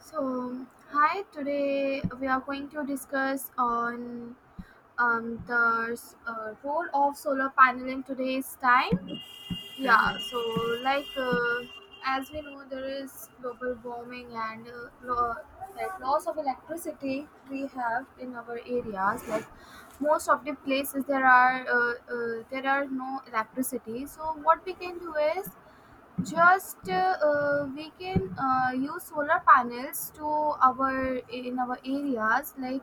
So, hi, today we are going to discuss on the role of solar panel in today's time. Um, Yeah, so like as we know, there is global warming and that loss of electricity we have in our areas. Like most of the places, there are no electricity. So what we can do is just we can use solar panels to our in our areas. Like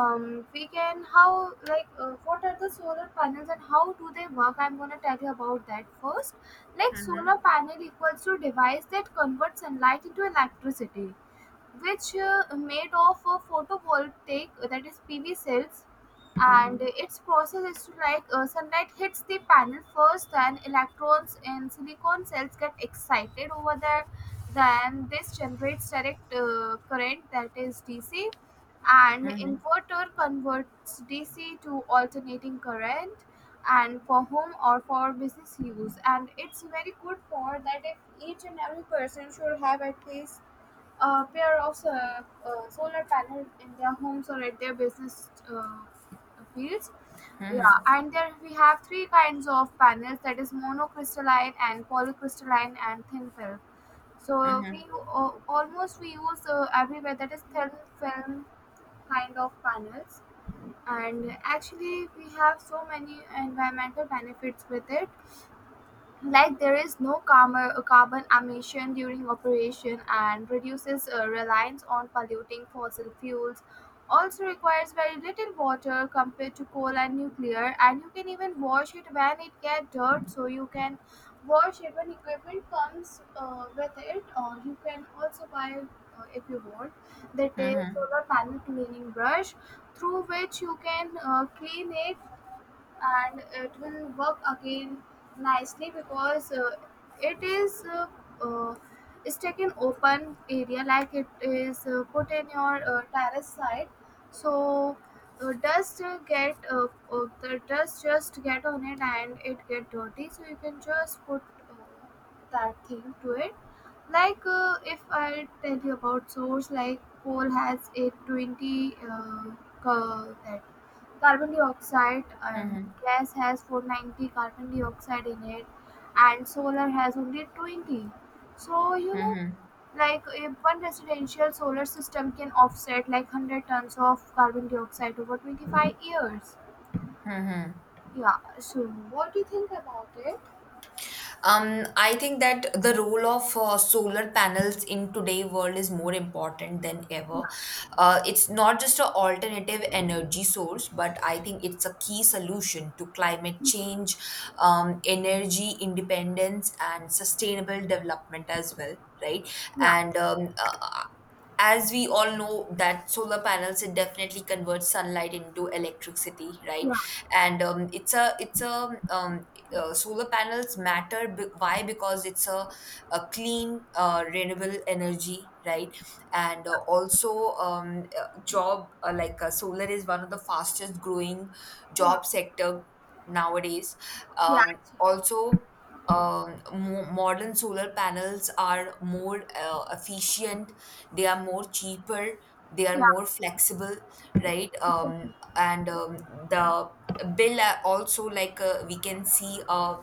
we can how like what are the solar panels and how do they work? I'm gonna tell you about that first. Like solar panel equals to device that converts sunlight into electricity, which made of a photovoltaic, that is PV cells, and its process is to, like, sunlight hits the panel first, then electrons in silicon cells get excited over there. Then this generates direct current, that is DC, and inverter converts DC to alternating current and for home or for business use, and it's very good for that if each and every person should have at least pair of solar panels in their homes or at their business fields. Yeah, and there we have three kinds of panels, that is monocrystalline and polycrystalline and thin film. So we, almost we use everywhere that is thin film kind of panels, and actually we have so many environmental benefits with it. Like there is no carbon emission during operation and reduces reliance on polluting fossil fuels. Also requires very little water compared to coal and nuclear, and you can even wash it when it gets dirt. So you can wash it when equipment comes with it, or you can also buy, if you want, that is solar panel cleaning brush, through which you can clean it and it will work again nicely, because it is uh, uh, it's taken open area, like it is put in your terrace side. So dust, get the dust just get on it and it get dirty, so you can just put uh, that thing to it. Like if I tell you about source, like coal has a 20 that carbon dioxide, and gas has 490 carbon dioxide in it, and solar has only 20. So you know, like if one residential solar system can offset like 100 tons of carbon dioxide over 25 years. Yeah. So what do you think about it? I think that the role of solar panels in today world is more important than ever. It's not just an alternative energy source, but I think it's a key solution to climate change, energy independence, and sustainable development as well. Right, Yeah, and as we all know that solar panels it definitely converts sunlight into electricity, right, yeah. and it's a solar panels why? Because it's a clean renewable energy, right, and also job like solar is one of the fastest growing Yeah. job sector nowadays. yeah it's- Also, modern solar panels are more efficient, they are more cheaper, they are yeah, more flexible, right. exactly, and The bill are also, like we can see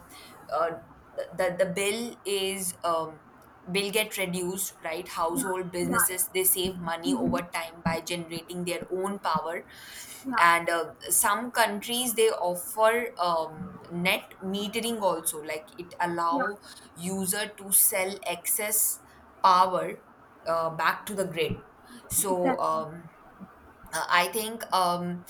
uh, the, the bill is bill get reduced, right? yeah, Household yeah, yeah. businesses, they save money Mm-hmm. over time by generating their own power, and some countries they offer net metering also, like it Yeah, yeah, allow user to sell excess power back to the grid. so exactly, um, I think um,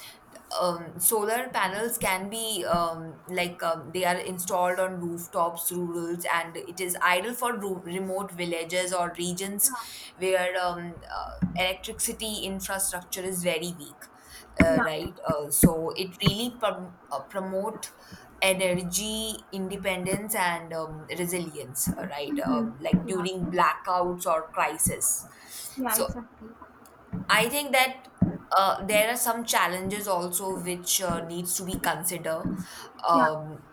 um, solar panels can be, like they are installed on rooftops, rurals, and it is ideal for remote villages or regions where electricity infrastructure is very weak, yeah, yeah. right? So it really promote energy independence and resilience, right? Mm-hmm. Like during Yeah, blackouts or crisis. yeah, So exactly, I think that there are some challenges also which needs to be considered, yeah, um,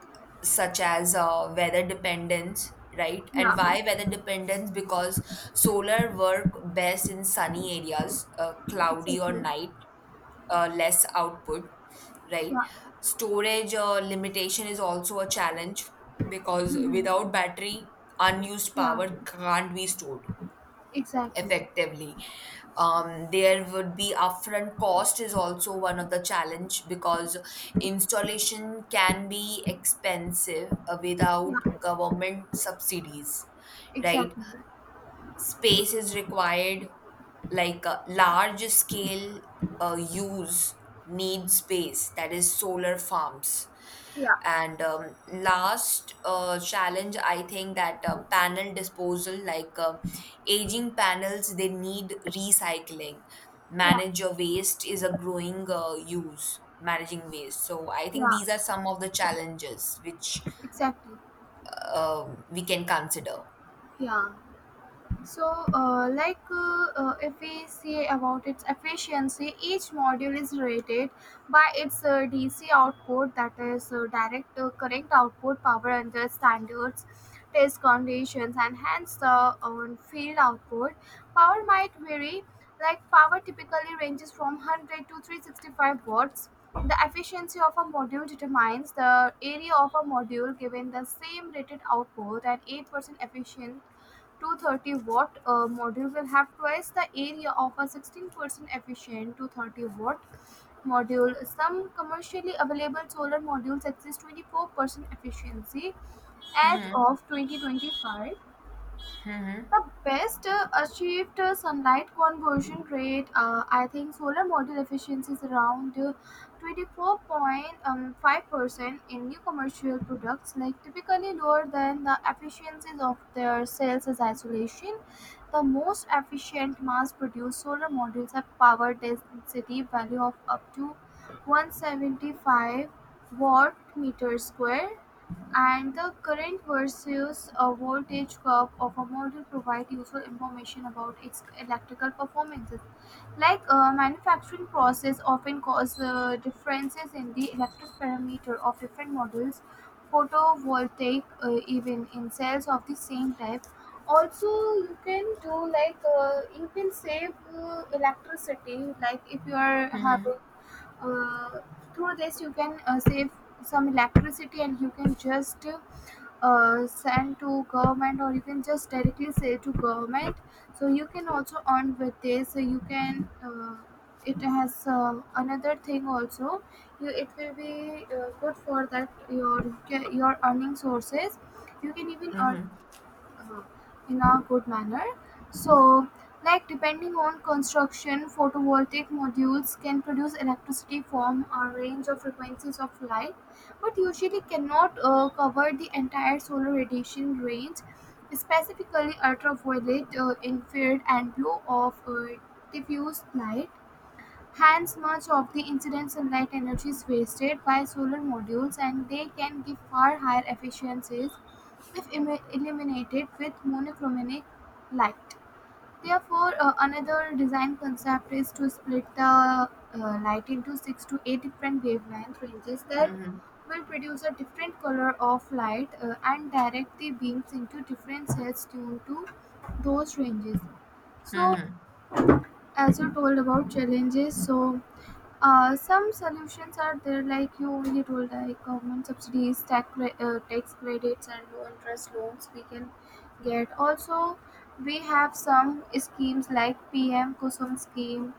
such as weather dependence, right? yeah. And why weather dependence? Because solar work best in sunny areas, cloudy or Exactly. night, less output, Yeah. right? Storage limitation is also a challenge because without battery, unused Yeah. power can't be stored Exactly. effectively. There would be upfront cost is also one of the challenge because installation can be expensive Yeah. without government subsidies, right. Exactly. Space is required, like a large scale use needs space, that is solar farms. Yeah. And Last challenge I think that panel disposal, like aging panels they need recycling, Yeah. manage your waste is a growing use managing waste. So I think Yeah. these are some of the challenges which Exactly. We can consider. Yeah. So, if we see about its efficiency, each module is rated by its DC output, that is direct correct output power under standards, test conditions, and hence the field output. Power might vary, like power typically ranges from 100 to 365 watts. The efficiency of a module determines the area of a module given the same rated output, and 8% efficient 230-watt module will have twice the area of a 16% efficient 230-watt module. Some commercially available solar modules exceed 24% efficiency as of 2025. Hmm. The best achieved sunlight conversion rate, I think solar module efficiency is around 24.5% in new commercial products, like typically lower than the efficiencies of their cells as isolation. The most efficient mass produced solar modules have power density value of up to 175 watt meter square, and the current versus a voltage curve of a model provide useful information about its electrical performances. Like manufacturing process often cause differences in the electric parameter of different models, photovoltaic, even in cells of the same type. Also, you can do, like, you can save electricity. Like if you are having, uh, through this you can save some electricity, and you can just send to government or you can just directly say to government. So you can also earn with this. So you can, it has, another thing also, you, it will be good for that, your earning sources, you can even earn Hmm. uh, in a good manner. So, like depending on construction, photovoltaic modules can produce electricity from a range of frequencies of light, but usually cannot cover the entire solar radiation range, specifically ultraviolet, infrared, and blue of diffuse light. Hence, much of the incident sunlight energy is wasted by solar modules, and they can give far higher efficiencies if illuminated with monochromatic light. Therefore, another design concept is to split the light into six to eight different wavelength ranges that Hmm. will produce a different color of light, and direct the beams into different cells tuned to those ranges. So, Hmm. as you told about challenges, so some solutions are there, like you only told, like government subsidies, tax, tax credits, and low interest loans we can get. Also, we have some schemes like PM KUSUM scheme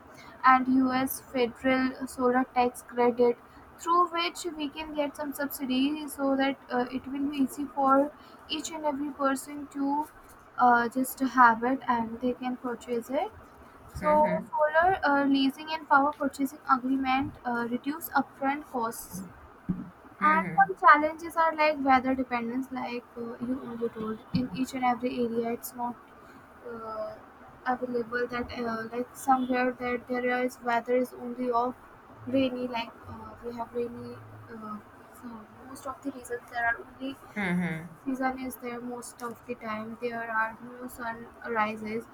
and US federal solar tax credit, through which we can get some subsidy, so that it will be easy for each and every person to just have it and they can purchase it. So solar leasing and power purchasing agreement reduce upfront costs. And some challenges are like weather dependence, like, you only told. In each and every area, it's not uh, available that, like somewhere that there is weather is only off rainy. Like we have rainy. Uh, so most of the reasons there are only season is there, most of the time there are new sun rises,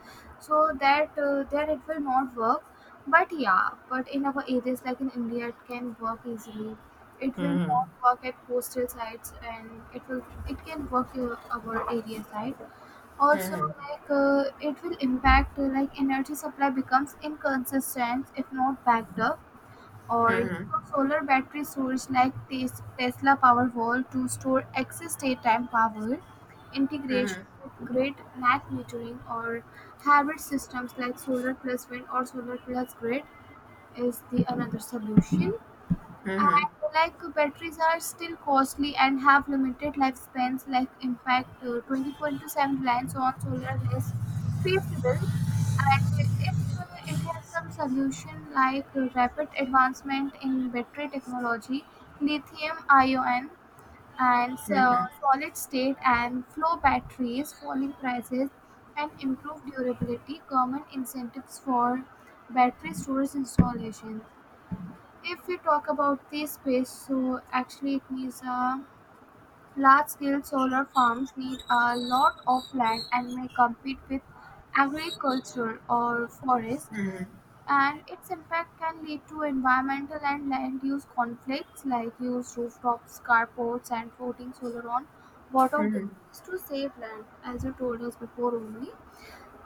so that that it will not work. But yeah, but in our areas like in india it can work easily. It will not Mm-hmm. work at coastal sites, and it can work our area side also, Mm-hmm. like it will impact, like energy supply becomes inconsistent if not backed up. Or use of solar battery storage like Tesla Powerwall to store excess daytime power, integration Mm-hmm. with grid net metering or hybrid systems like solar plus wind or solar plus grid is the another solution. Mm-hmm. And like batteries are still costly and have limited lifespans, like impact 24 into 7 reliance on solar is feasible. And if it has some solution, like rapid advancement in battery technology, lithium ion, and so solid state and flow batteries, falling prices, and improved durability, common incentives for battery storage installation. If we talk about the space, so actually these needs large-scale solar farms need a lot of land and may compete with agriculture or forest. And its impact can lead to environmental and land use conflicts like used rooftops, carports, and floating solar on water to save land, as you told us before only.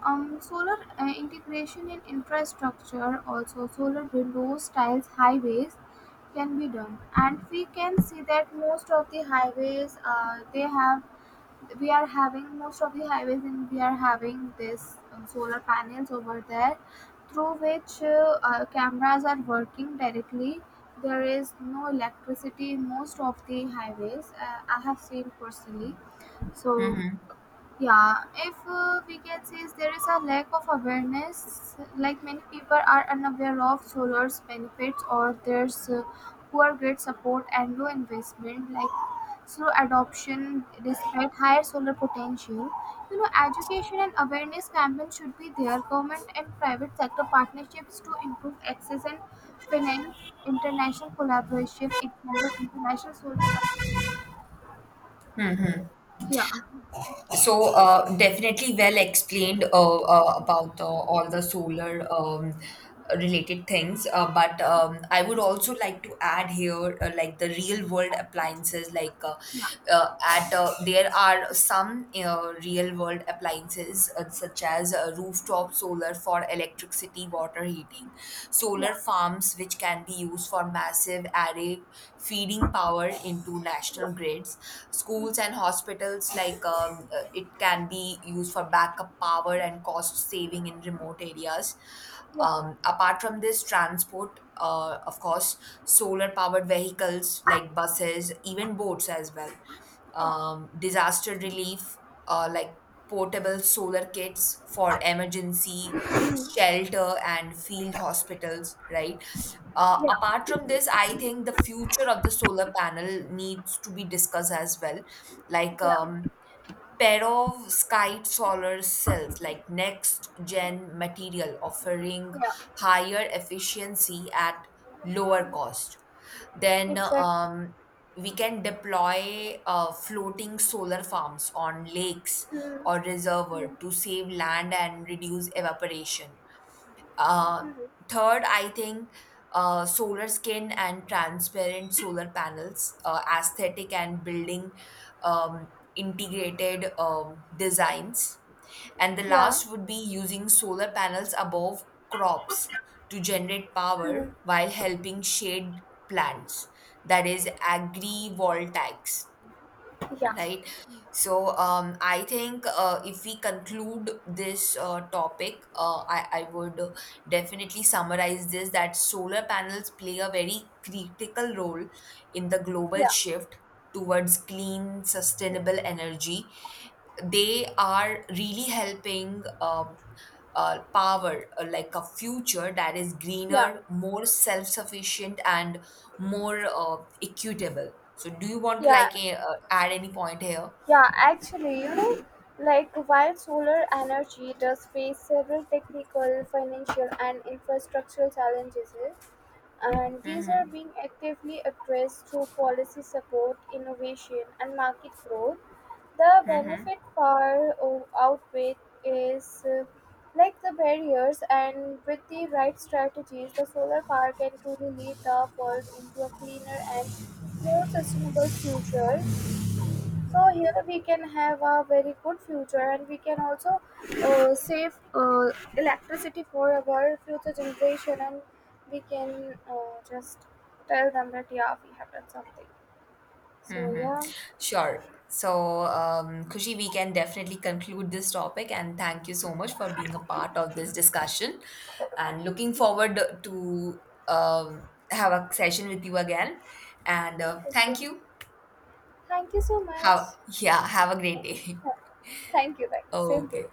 Solar integration in infrastructure, also solar windows, tiles, highways can be done, and we can see that most of the highways, they have we are having most of the highways, and we are having this solar panels over there, through which cameras are working directly. There is no electricity in most of the highways. I have seen personally, so yeah, if we can see is there is a lack of awareness, like many people are unaware of solar's benefits or there's poor grid support and low investment, like slow adoption despite higher solar potential. You know, education and awareness campaigns should be there. Government and private sector partnerships to improve access and finance international collaboration. Example, international solar. Yeah, So definitely well explained about all the solar related things. But I would also like to add here, like the real world appliances. Like yeah, at there are some real world appliances such as rooftop solar for electricity, water heating, solar yeah, farms which can be used for massive array feeding power into national grids. Schools and hospitals, like it can be used for backup power and cost saving in remote areas. yeah, Apart from this, transport, of course, solar powered vehicles like buses, even boats as well. yeah, Disaster relief, like portable solar kits for emergency shelter and field hospitals, right? Yeah, Apart from this, I think the future of the solar panel needs to be discussed as well, like yeah. Perovskite solar cells, like next gen material offering Yeah. higher efficiency at lower cost. Then Exactly. We can deploy floating solar farms on lakes or reservoir to save land and reduce evaporation. uh, Third, I think solar skin and transparent solar panels, aesthetic and building um, integrated designs. And the last would be using solar panels above crops to generate power while helping shade plants, that is, agri-voltaics, right? So I think if we conclude this topic, I would definitely summarize this that solar panels play a very critical role in the global Yeah. shift towards clean, sustainable energy. They are really helping power like a future that is Yeah. greener, more self sufficient, and more equitable. So, do you want to Yeah. like add any point here? Yeah. Actually, you know, like while solar energy does face several technical, financial, and infrastructural challenges, and these are Mm-hmm. being actively addressed through policy support, innovation, and market growth, the benefit outweigh is, like, the barriers, and with the right strategies the solar power can truly lead the world into a cleaner and more sustainable future. So here we can have a very good future, and we can also save electricity for our future generation, and we can just tell them that yeah, we have done something. So Mm-hmm. yeah. Sure. So, Khushi, we can definitely conclude this topic, and thank you so much for being a part of this discussion. And looking forward to have a session with you again. And Okay, thank you. thank you so much. Have, yeah, have a great day. Yeah, thank you, thank you, same to you. Okay.